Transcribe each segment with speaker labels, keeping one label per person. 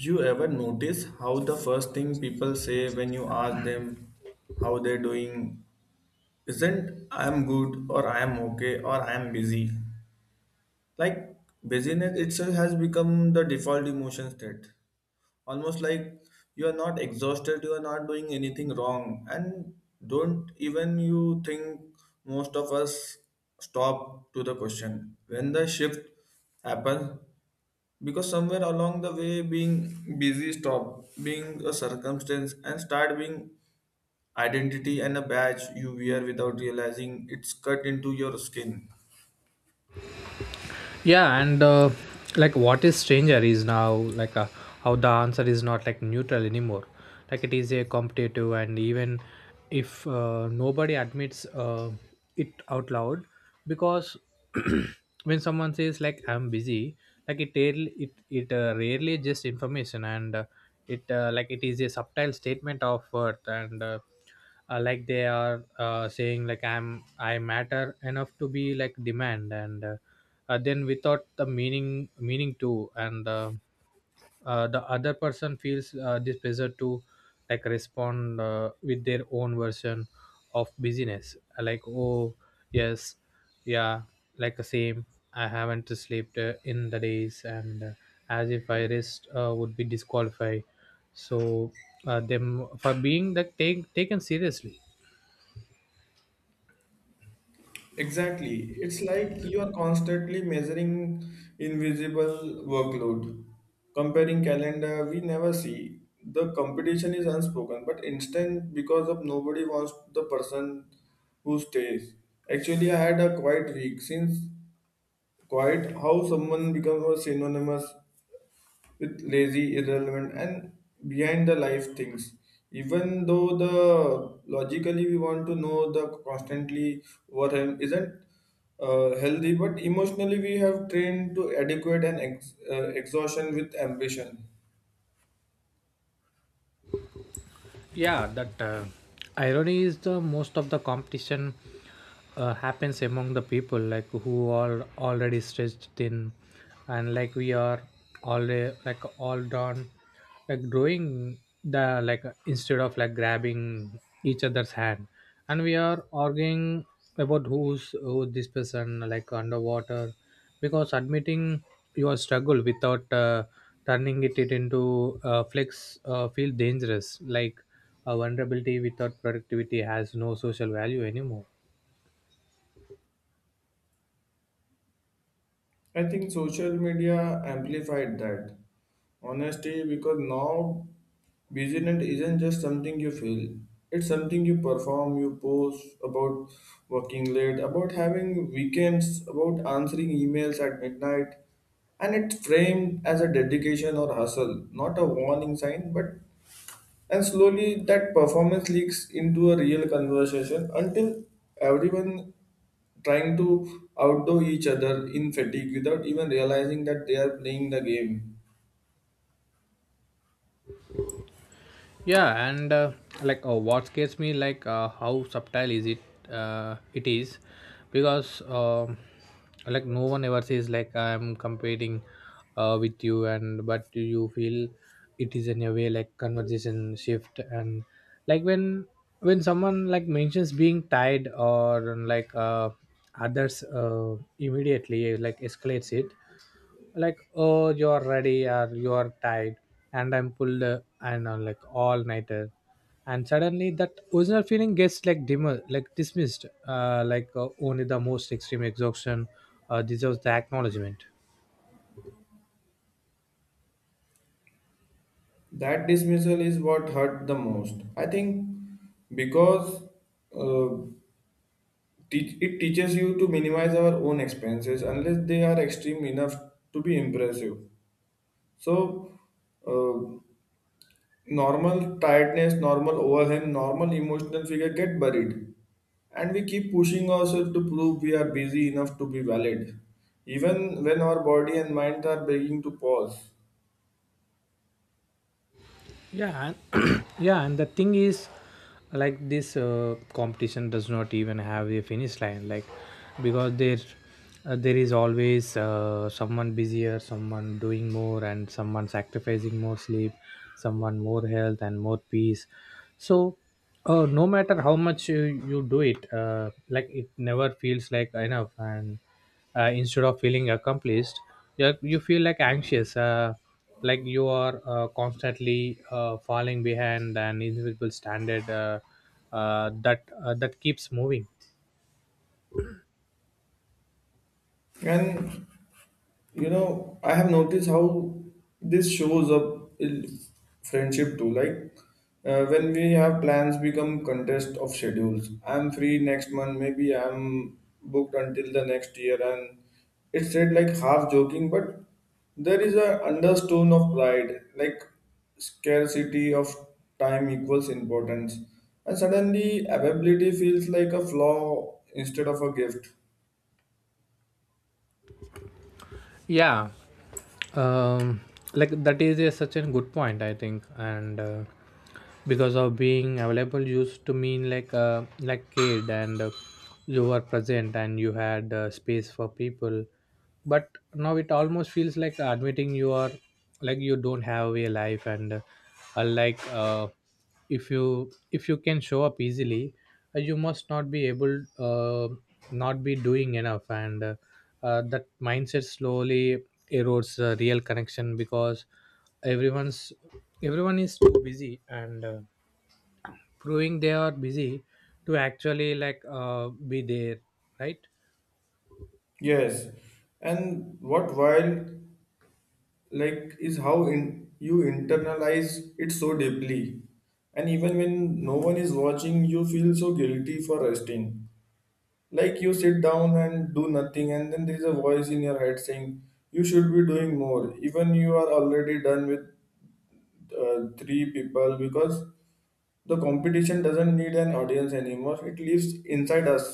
Speaker 1: You ever notice how the first thing people say when you ask them how they're doing isn't I'm good or I'm okay or I'm busy? Like, busyness itself has become the default emotion state. Almost like you are not exhausted, you are not doing anything wrong, and don't even you think most of us stop to the question. When the shift happens, because somewhere along the way being busy stop being a circumstance and start being identity and a badge you wear without realizing it's cut into your skin.
Speaker 2: Yeah, and like what is stranger is now like how the answer is not like neutral anymore. Like it is a competitive, and even if nobody admits it out loud, because when someone says like I'm busy, like it rarely just information, and it like it is a subtle statement of worth, and like they are saying like I matter enough to be like demand, and then without the meaning too, and the other person feels this pressure to like respond with their own version of busyness, like oh yes, yeah, like the same. I haven't slept in the days, and as if I rest would be disqualified, so them for being like taken seriously.
Speaker 1: Exactly, it's like you are constantly measuring invisible workload, comparing calendar we never see. The competition is unspoken but instant because of nobody wants the person who stays. Actually, I had a quiet week since. Quite how someone becomes synonymous with lazy, irrelevant, and behind the life things. Even though the logically we want to know the constantly what isn't healthy, but emotionally we have trained to adequate and exhaustion with ambition.
Speaker 2: Yeah, that irony is the most of the competition happens among the people like who are already stretched thin, and like we are already like all done, like growing the, like instead of like grabbing each other's hand, and we are arguing about who this person like underwater, because admitting your struggle without turning it into flex feel dangerous. Like vulnerability without productivity has no social value anymore.
Speaker 1: I think social media amplified that. Honesty because now busyness isn't just something you feel, it's something you perform, you post about working late, about having weekends, about answering emails at midnight. And it's framed as a dedication or hustle, not a warning sign, but and slowly that performance leaks into a real conversation until everyone trying to outdo each other in fatigue without even realizing that they are playing the game.
Speaker 2: Yeah, and like what scares me, like how subtle is it it is, because like no one ever says like I'm competing with you, and but you feel it is in a way like conversation shift. And like when someone like mentions being tied, or like others immediately like escalates it, like oh you're ready or you're tired, and I'm pulled and like all nighter, and suddenly that original feeling gets like dimmer, like dismissed, like only the most extreme exhaustion deserves the acknowledgement.
Speaker 1: That dismissal is what hurt the most. I think because uh, it teaches you to minimize our own expenses unless they are extreme enough to be impressive. So, uh, normal tiredness, normal overwhelm, normal emotional figure get buried. And we keep pushing ourselves to prove we are busy enough to be valid, even when our body and mind are begging to pause.
Speaker 2: Yeah. And yeah, and the thing is, like this competition does not even have a finish line, like because there is always someone busier, someone doing more, and someone sacrificing more sleep, someone more health and more peace. So no matter how much you do it, like it never feels like enough. And instead of feeling accomplished, you feel like anxious, like you are constantly falling behind an invisible standard, that keeps moving.
Speaker 1: And you know, I have noticed how this shows up in friendship too. Like, when we have plans become contest of schedules. I'm free next month, maybe I'm booked until the next year, and it's said like half joking, but there is a undertone of pride, like scarcity of time equals importance, and suddenly availability feels like a flaw instead of a gift.
Speaker 2: Yeah um like that is a, such a good point I think. And because of being available used to mean like like kid, and you were present and you had space for people. But now it almost feels like admitting you are, like you don't have a life. And uh, like uh, if you can show up easily, you must not be able, not be doing enough. And that mindset slowly erodes real connection, because everyone's everyone is too busy, and proving they are busy to actually like be there, right?
Speaker 1: Yes, and what wild like is how in, you internalize it so deeply, and even when no one is watching you feel so guilty for resting, like you sit down and do nothing and then there is a voice in your head saying you should be doing more even you are already done with three people because the competition doesn't need an audience anymore, it lives inside us.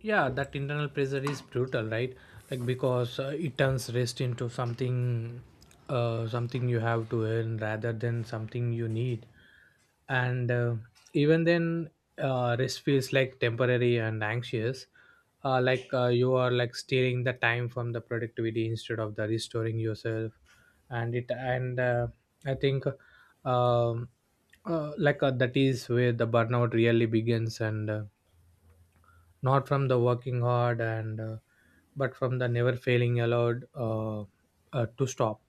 Speaker 2: Yeah, that internal pressure is brutal, right? Like because it turns rest into something, something you have to earn rather than something you need. And even then, rest feels like temporary and anxious, like you are like stealing the time from the productivity instead of the restoring yourself. And I think, um that is where the burnout really begins, and not from the working hard, and but from the never failing allowed, to stop.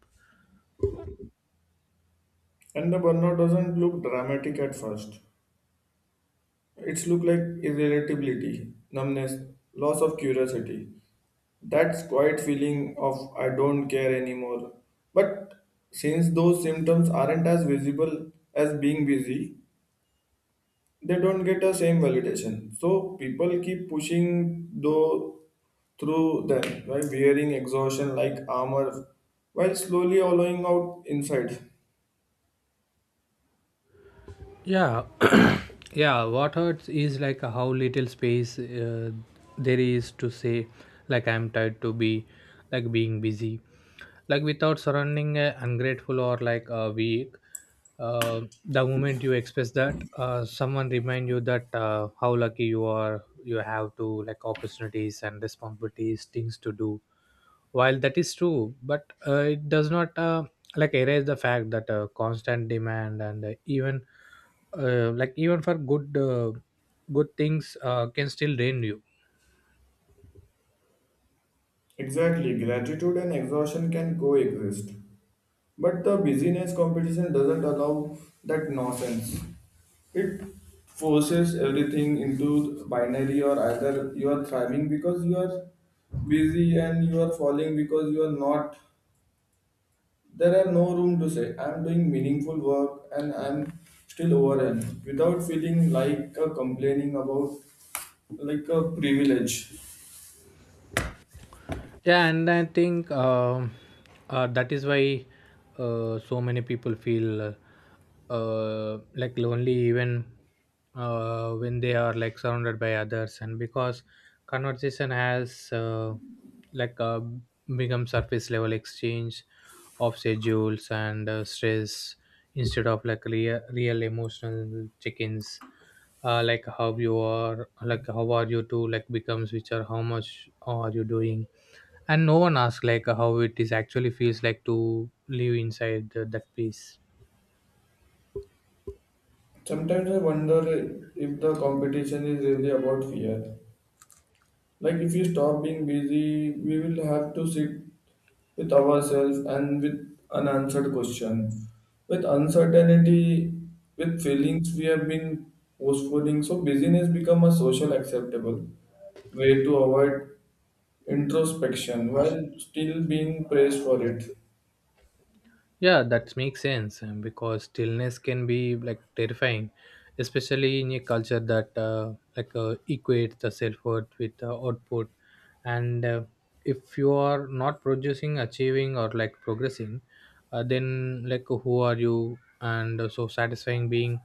Speaker 1: And the burnout doesn't look dramatic at first, it's look like irritability, numbness, loss of curiosity. That's quiet feeling of I don't care anymore. But since those symptoms aren't as visible as being busy, they don't get the same validation. So people keep pushing though through them, right? Wearing exhaustion like armor while slowly hollowing out inside.
Speaker 2: Yeah. Yeah. What hurts is like how little space there is to say, like I'm tired to be, like being busy, like without surrounding ungrateful or like weak. The moment you express that, someone remind you that how lucky you are. You have to like opportunities and responsibilities, things to do, while that is true, but it does not like erase the fact that constant demand, and even like even for good things can still drain you.
Speaker 1: Exactly, gratitude and exhaustion can coexist. But the busyness competition doesn't allow that nonsense. It forces everything into binary or either you are thriving because you are busy and you are falling because you are not. There are no room to say, I'm doing meaningful work and I'm still overwhelmed without feeling like a complaining about like a privilege.
Speaker 2: Yeah, and I think, that is why so many people feel, like lonely even when they are like surrounded by others, and because conversation has, like become surface level exchange of schedules and stress, instead of like real emotional check-ins. Like how you are, like how are you to like becomes which are how much are you doing, and no one asks like how it is actually feels like to live inside the, that piece.
Speaker 1: Sometimes I wonder if the competition is really about fear. Like if you stop being busy, we will have to sit with ourselves and with unanswered question, with uncertainty, with feelings we have been postponing. So busyness become a social acceptable way to avoid introspection while still being praised for it.
Speaker 2: Yeah, that makes sense, because stillness can be like terrifying, especially in a culture that like equates the self worth with output. And if you are not producing, achieving, or like progressing, then like who are you? And so satisfying being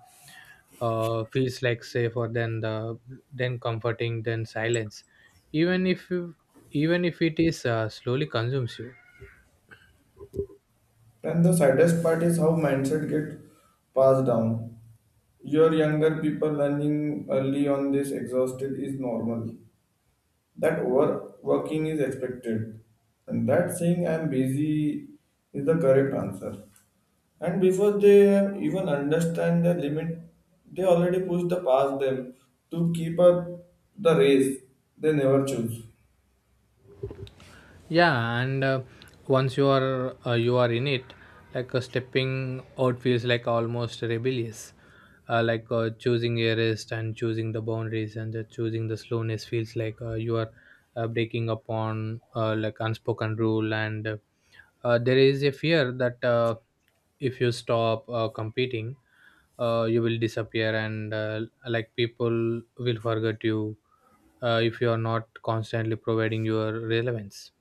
Speaker 2: feels like safer than the then comforting than silence, even if you, even if it is slowly consumes you.
Speaker 1: And the saddest part is how mindset get passed down. Your younger people learning early on this exhausted is normal, that overworking is expected, and that saying I'm busy is the correct answer, and before they even understand their limit they already push the past them to keep up the race they never choose.
Speaker 2: Yeah, and once you are, you are in it, like stepping out feels like almost rebellious. Like choosing a rest, and choosing the boundaries, and choosing the slowness feels like you are breaking upon like unspoken rule. And there is a fear that if you stop competing, you will disappear, and like people will forget you if you are not constantly providing your relevance.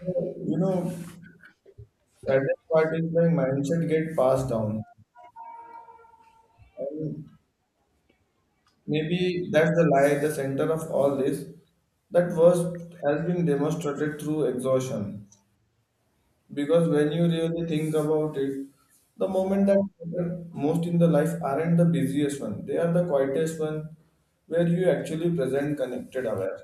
Speaker 1: So, you know, saddest part is my mindset get passed down, and maybe that's the lie the center of all this that was has been demonstrated through exhaustion. Because when you really think about it, the moment that matter most in the life aren't the busiest one. They are the quietest one where you actually present, connected, aware.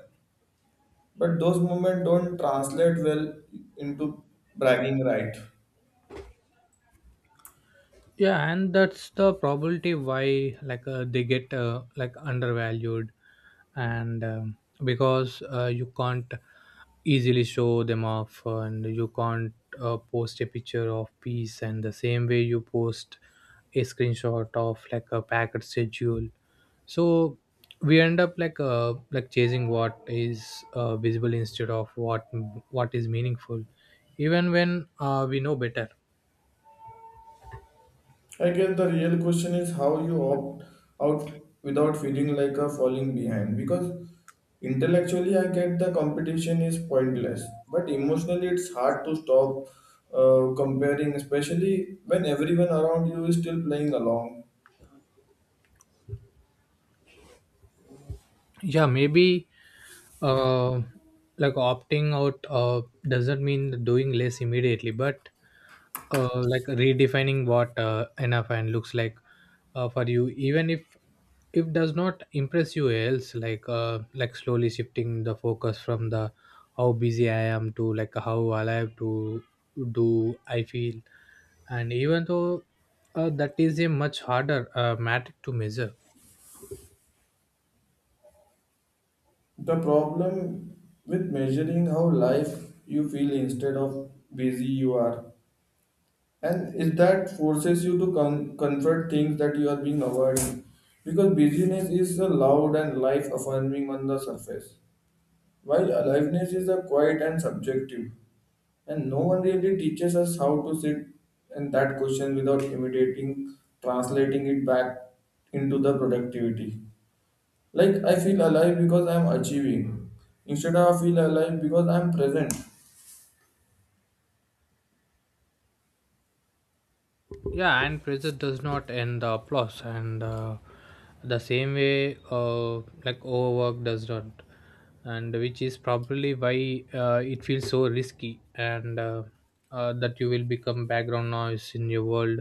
Speaker 1: But those moments don't translate well into bragging right.
Speaker 2: Yeah, and that's the probability why like they get, like undervalued. And because you can't easily show them off, and you can't post a picture of peace and the same way you post a screenshot of like a packet schedule. So we end up like like chasing what is visible instead of what is meaningful, even when we know better.
Speaker 1: I guess the real question is how you opt out without feeling like a falling behind. Because intellectually, I get the competition is pointless, but emotionally, it's hard to stop comparing, especially when everyone around you is still playing along.
Speaker 2: Yeah, maybe uh, like opting out doesn't mean doing less immediately, but like redefining what enough and looks like for you, even if does not impress you else, like like slowly shifting the focus from the how busy I am to like how alive to do I feel, and even though that is a much harder matter to measure.
Speaker 1: The problem with measuring how life you feel instead of busy you are. And is that forces you to confront things that you are being avoiding. Because busyness is a loud and life affirming on the surface, while aliveness is a quiet and subjective. And no one really teaches us how to sit in that question without imitating, translating it back into the productivity. Like, I feel alive because I'm achieving, instead of I feel alive because I'm present.
Speaker 2: Yeah, and pressure does not end the applause, and the same way like overwork does not, and which is probably why it feels so risky, and that you will become background noise in your world,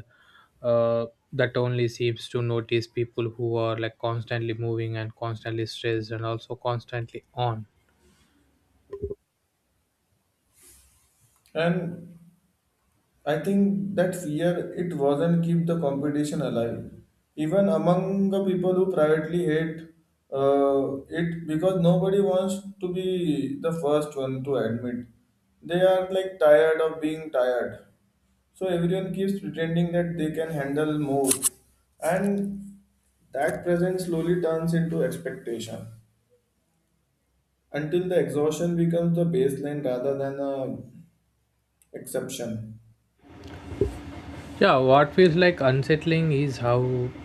Speaker 2: uh, that only seems to notice people who are like constantly moving and constantly stressed and also constantly on.
Speaker 1: And I think that fear it wasn't keep the competition alive, even among the people who privately hate it because nobody wants to be the first one to admit they are like tired of being tired. So everyone keeps pretending that they can handle more, and that presence slowly turns into expectation until the exhaustion becomes the baseline rather than a exception.
Speaker 2: Yeah, what feels like unsettling is how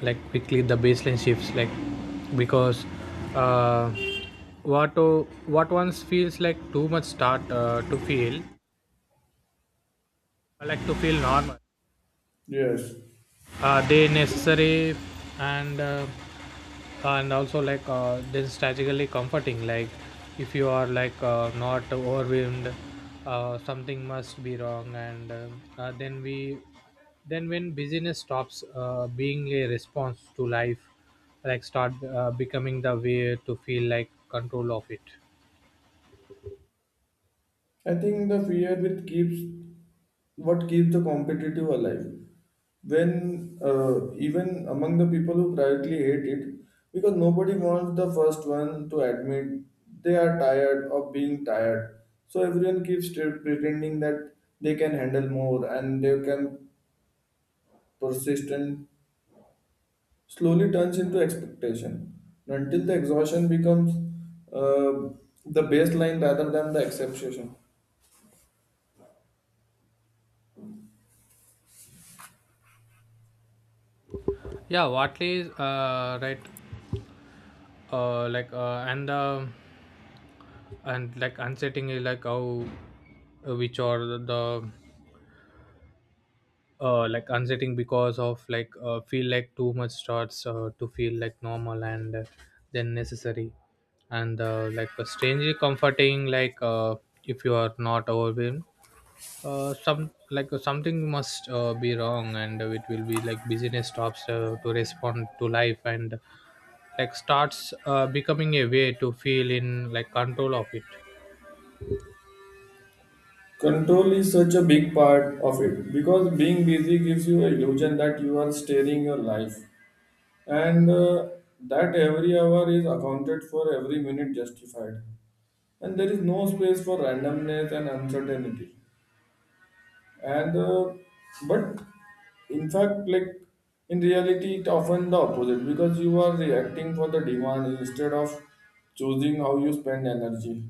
Speaker 2: like quickly the baseline shifts, like because uh, what what once feels like too much start to feel to feel normal,
Speaker 1: Yes.
Speaker 2: they necessary, and and also like then strategically comforting. Like if you are like not overwhelmed, something must be wrong. And uh, uh, then we then when busyness stops being a response to life, like start becoming the way to feel like control of it.
Speaker 1: I think the fear which keeps what keeps the competitive alive. When even among the people who privately hate it, because nobody wants the first one to admit they are tired of being tired. So everyone keeps still pretending that they can handle more and they can persist and slowly turns into expectation until the exhaustion becomes uh, the baseline rather than the exception.
Speaker 2: Yeah, watley right. uh, like uh, and uh, and like unsetting is like how which are the like unsettling, because of like feel like too much starts to feel like normal, and then necessary, and strangely comforting. Like if you are not overwhelmed, some like something must be wrong. And it will be like busyness stops to respond to life, and like starts becoming a way to feel in like control of it.
Speaker 1: Control is such a big part of it because being busy gives you an illusion that you are steering your life, and that every hour is accounted for, every minute justified. And there is no space for randomness and uncertainty. And but in fact, like in reality, it often the opposite because you are reacting for the demand instead of choosing how you spend energy.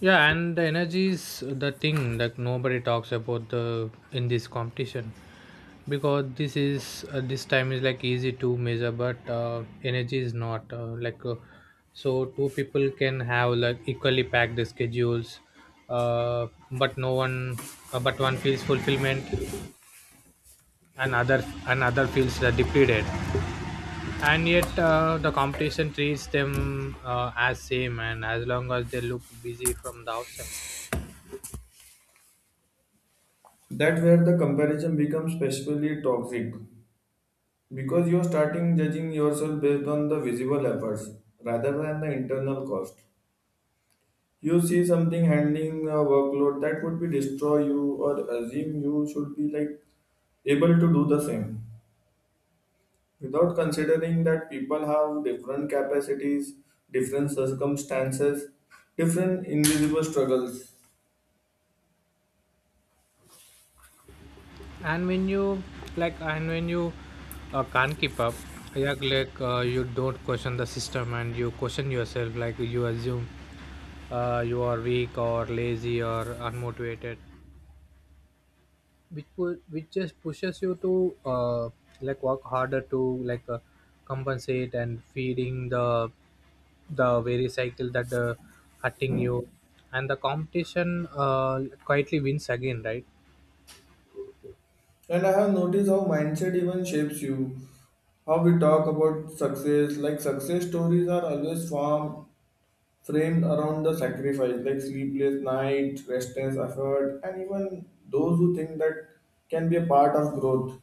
Speaker 2: Yeah, and the energy is the thing that nobody talks about the in this competition, because this is this time is like easy to measure, but energy is not, so two people can have like equally packed schedules, but no one but one feels fulfillment, and other feels depleted. And yet the competition treats them as same, and as long as they look busy from the outside.
Speaker 1: That where the comparison becomes especially toxic. Because you are starting judging yourself based on the visible efforts rather than the internal cost. You see something handling a workload that would be destroy you or assume you should be like able to do the same without considering that people have different capacities, different circumstances, different invisible struggles.
Speaker 2: And when you like and when you can't keep up, yeah, like you don't question the system, and you question yourself, like you assume you are weak or lazy or unmotivated, which just pushes you to like work harder to like compensate, and feeding the very cycle that hurting you, and the competition quietly wins again, right?
Speaker 1: And I have noticed how mindset even shapes you. How we talk about success, like success stories are always formed framed around the sacrifice like sleepless night, restless effort, and even those who think that can be a part of growth.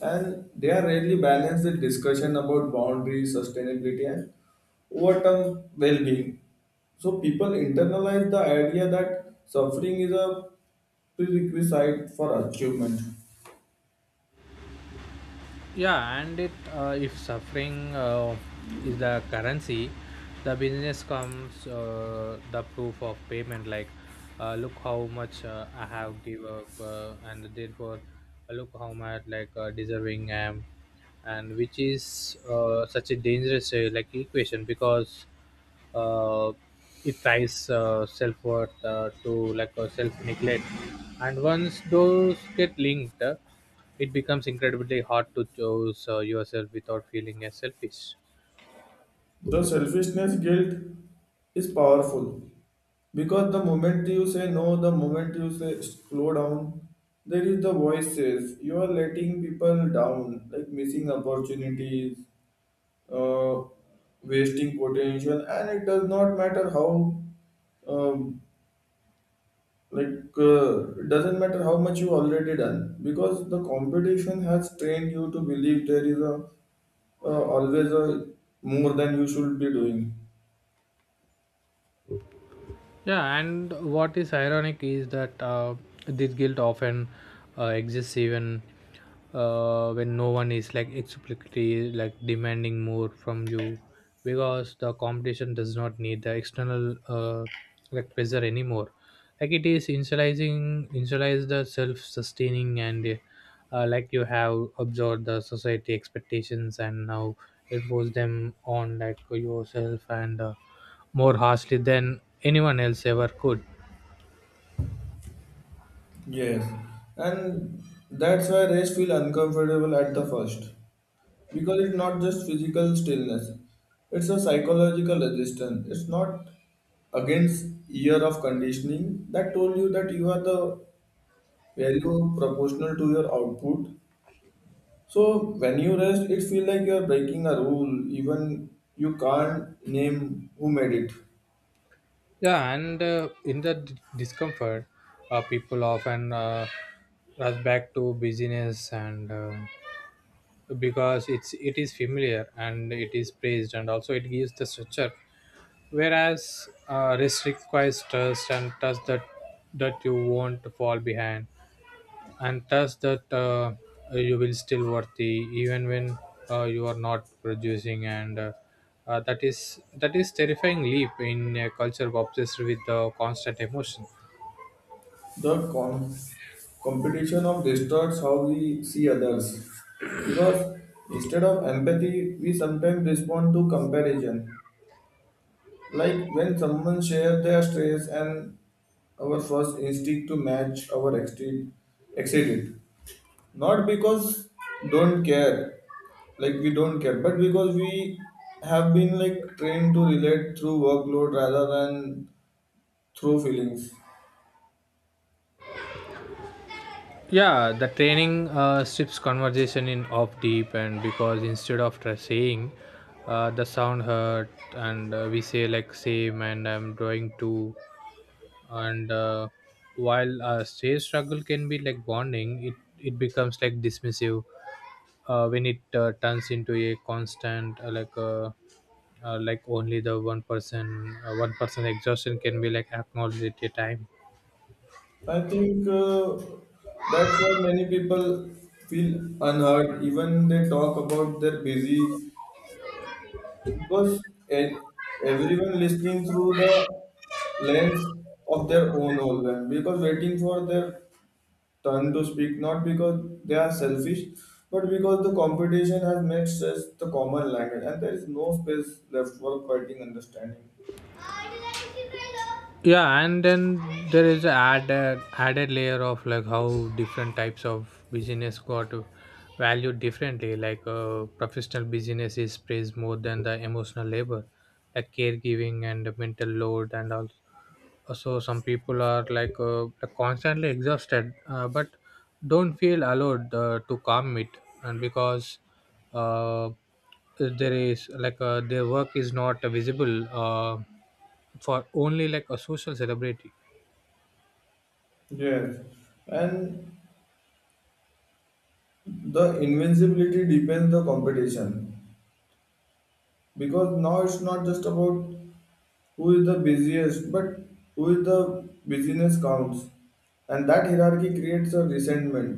Speaker 1: And they are rarely balanced with discussion about boundaries, sustainability, and overall well-being. So people internalize the idea that suffering is a prerequisite for achievement.
Speaker 2: Yeah and it uh, if suffering is the currency, the business comes the proof of payment. Like look how much I have give up, and therefore look how much like deserving I am. And which is such a dangerous like equation, because uh, it ties self worth to like self neglect, and once those get linked, it becomes incredibly hard to choose yourself without feeling as selfish.
Speaker 1: The selfishness guilt is powerful because the moment you say no, the moment you say slow down, there is the voice says you are letting people down, like missing opportunities, uh, wasting potential, and it does not matter how, um, it doesn't matter how much you already done because the competition has trained you to believe there is a always a more than you should be doing.
Speaker 2: Yeah, and what is ironic is that this guilt often exists even when no one is like explicitly like demanding more from you, because the competition does not need the external like pressure anymore. Like it is initialize the self-sustaining, and like you have absorbed the society expectations and now impose them on like yourself and. More harshly than anyone else ever could.
Speaker 1: Yes, and that's why rest feel uncomfortable at the first because it's not just physical stillness; it's a psychological resistance. It's not against year of conditioning that told you that you are the value proportional to your output. So when you rest, it feels like you are breaking a rule, even you can't name who made it.
Speaker 2: Yeah, and in the discomfort, people often rush back to busyness, and because it is familiar and it is praised, and also it gives the structure. Whereas rest requires trust and trust that you won't fall behind. And thus that you will still worthy even when you are not producing and that is terrifying leap in a culture obsessed with the constant emotion.
Speaker 1: The competition of distorts how we see others because instead of empathy we sometimes respond to comparison, like when someone shares their stress and our first instinct to match our exceed it, not because don't care, like we don't care, but because we have been like trained to relate through workload rather than through feelings.
Speaker 2: Yeah, the training strips conversation in off deep and because instead of saying the sound hurt, and we say like same and I'm drawing too. And while say struggle can be like bonding, it becomes like dismissive when it turns into a constant like only the one person exhaustion can be like acknowledged at a time.
Speaker 1: I think that's why many people feel unheard, even they talk about their busy, because e- everyone listening through the lens of their own overwhelm, because waiting for their turn to speak, not because they are selfish, but because the competition has made stress the common language, and there is no space left for quieting understanding.
Speaker 2: Yeah, and then there is a added layer of like how different types of business got valued differently. Like professional business is praised more than the emotional labor, like caregiving and the mental load and all. So some people are like constantly exhausted but don't feel allowed to calm it, and because uh, there is like their work is not visible for only like a social celebrity.
Speaker 1: Yes, and the invincibility depends the competition. Because now it's not just about who is the busiest but who is the business counts, and that hierarchy creates a resentment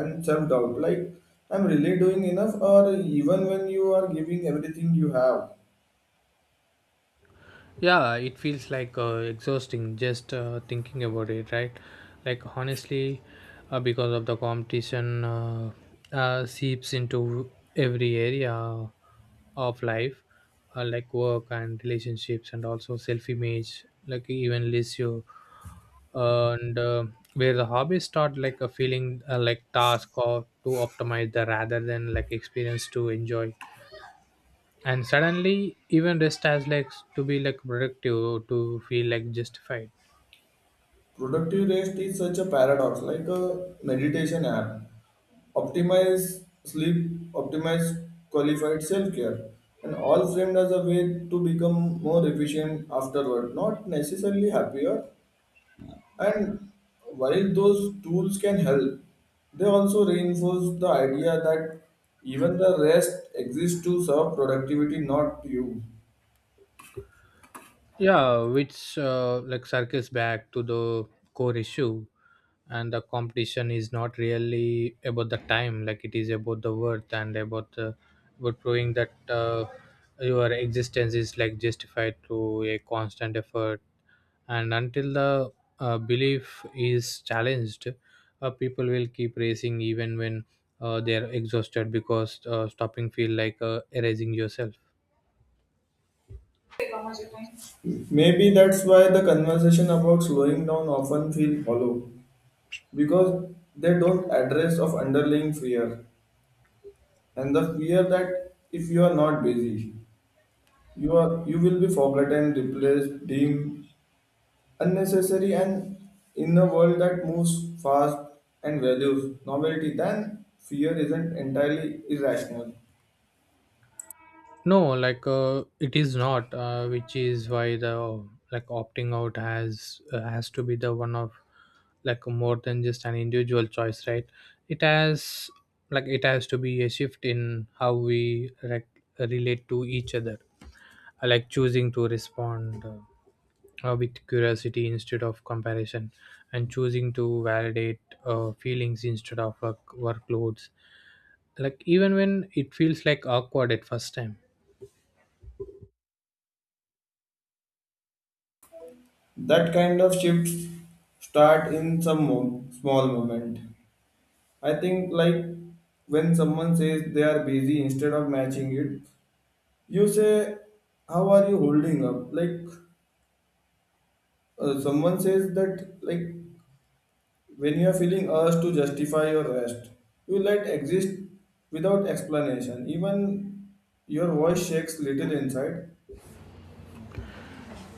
Speaker 1: and self-doubt like I'm really doing enough or even when you are giving everything you have.
Speaker 2: Yeah, it feels like exhausting just thinking about it, right? Like honestly, because of the competition seeps into every area of life, like work and relationships, and also self-image, like even lists you, and where the hobbies start like a feeling like task or to optimize the rather than like experience to enjoy. And suddenly even rest has like to be like productive to feel like justified.
Speaker 1: Productive rest is such a paradox, like a meditation app, optimize sleep, optimize qualified self-care, and all framed as a way to become more efficient afterward, not necessarily happier. And while those tools can help, they also reinforce the idea that even the rest exists to serve productivity, not you.
Speaker 2: Yeah, which like circles back to the core issue. And the competition is not really about the time, like it is about the worth and about the about proving that your existence is like justified through a constant effort. And until the belief is challenged, people will keep racing even when they are exhausted, because stopping feel like erasing yourself.
Speaker 1: Maybe that's why the conversation about slowing down often feel hollow because they don't address of underlying fear and the fear that if you are not busy, you are you will be forgotten, replaced, deemed unnecessary and in a world that moves fast and values novelty, then fear isn't entirely irrational.
Speaker 2: No, like it is not, which is why the like opting out has to be the one of like more than just an individual choice, right? It has like it has to be a shift in how we like relate to each other. Like choosing to respond with curiosity instead of comparison, and choosing to validate feelings instead of workloads, like even when it feels like awkward at first time.
Speaker 1: That kind of shifts start in some small moment. I think like when someone says they are busy instead of matching it, you say, "How are you holding up?" Like someone says that like when you are feeling urged to justify your rest, you let exist without explanation. Even your voice shakes little inside.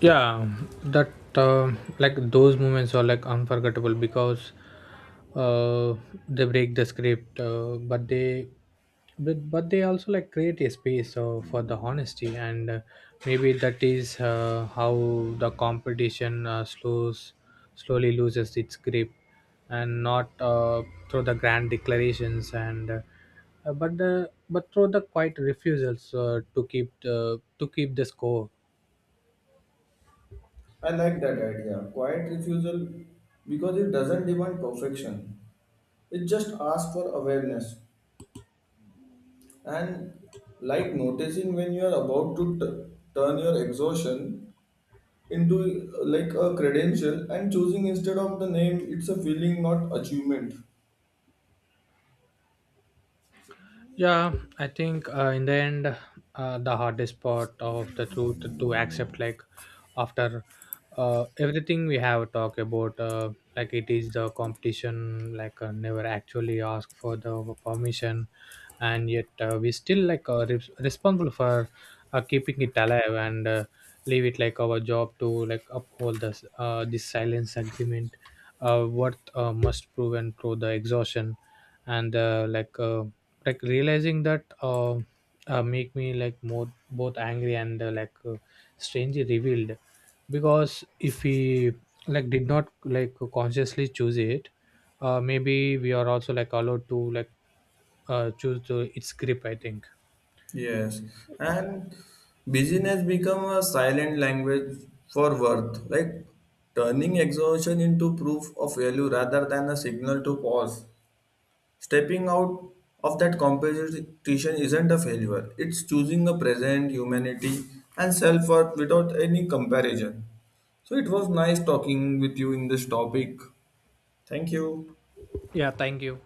Speaker 2: Yeah, that like those moments are like unforgettable because uh, they break the script but they also like create a space for the honesty, and maybe that is how the competition slows slowly loses its grip, and not through the grand declarations and but the but through the quiet refusals to keep the score.
Speaker 1: I like that idea. Quiet refusal because it doesn't demand perfection. It just asks for awareness and like noticing when you are about to turn your exhaustion into like a credential and choosing instead of the name it's a feeling not achievement.
Speaker 2: Yeah, I think in the end the hardest part of the truth to accept, like after everything we have talked about, like it is the competition, like never actually ask for the permission. And yet we still like responsible for keeping it alive, and leave it like our job to like uphold this this silence agreement, what must proven through the exhaustion. And like realizing that make me like more both angry and strangely revealed, because if we like did not like consciously choose it, maybe we are also like allowed to like choose the, its grip, I think.
Speaker 1: Yes, and busyness become a silent language for worth, like turning exhaustion into proof of value rather than a signal to pause. Stepping out of that competition isn't a failure; it's choosing a present humanity and self-worth without any comparison. So it was nice talking with you in this topic. Thank you.
Speaker 2: Yeah, thank you.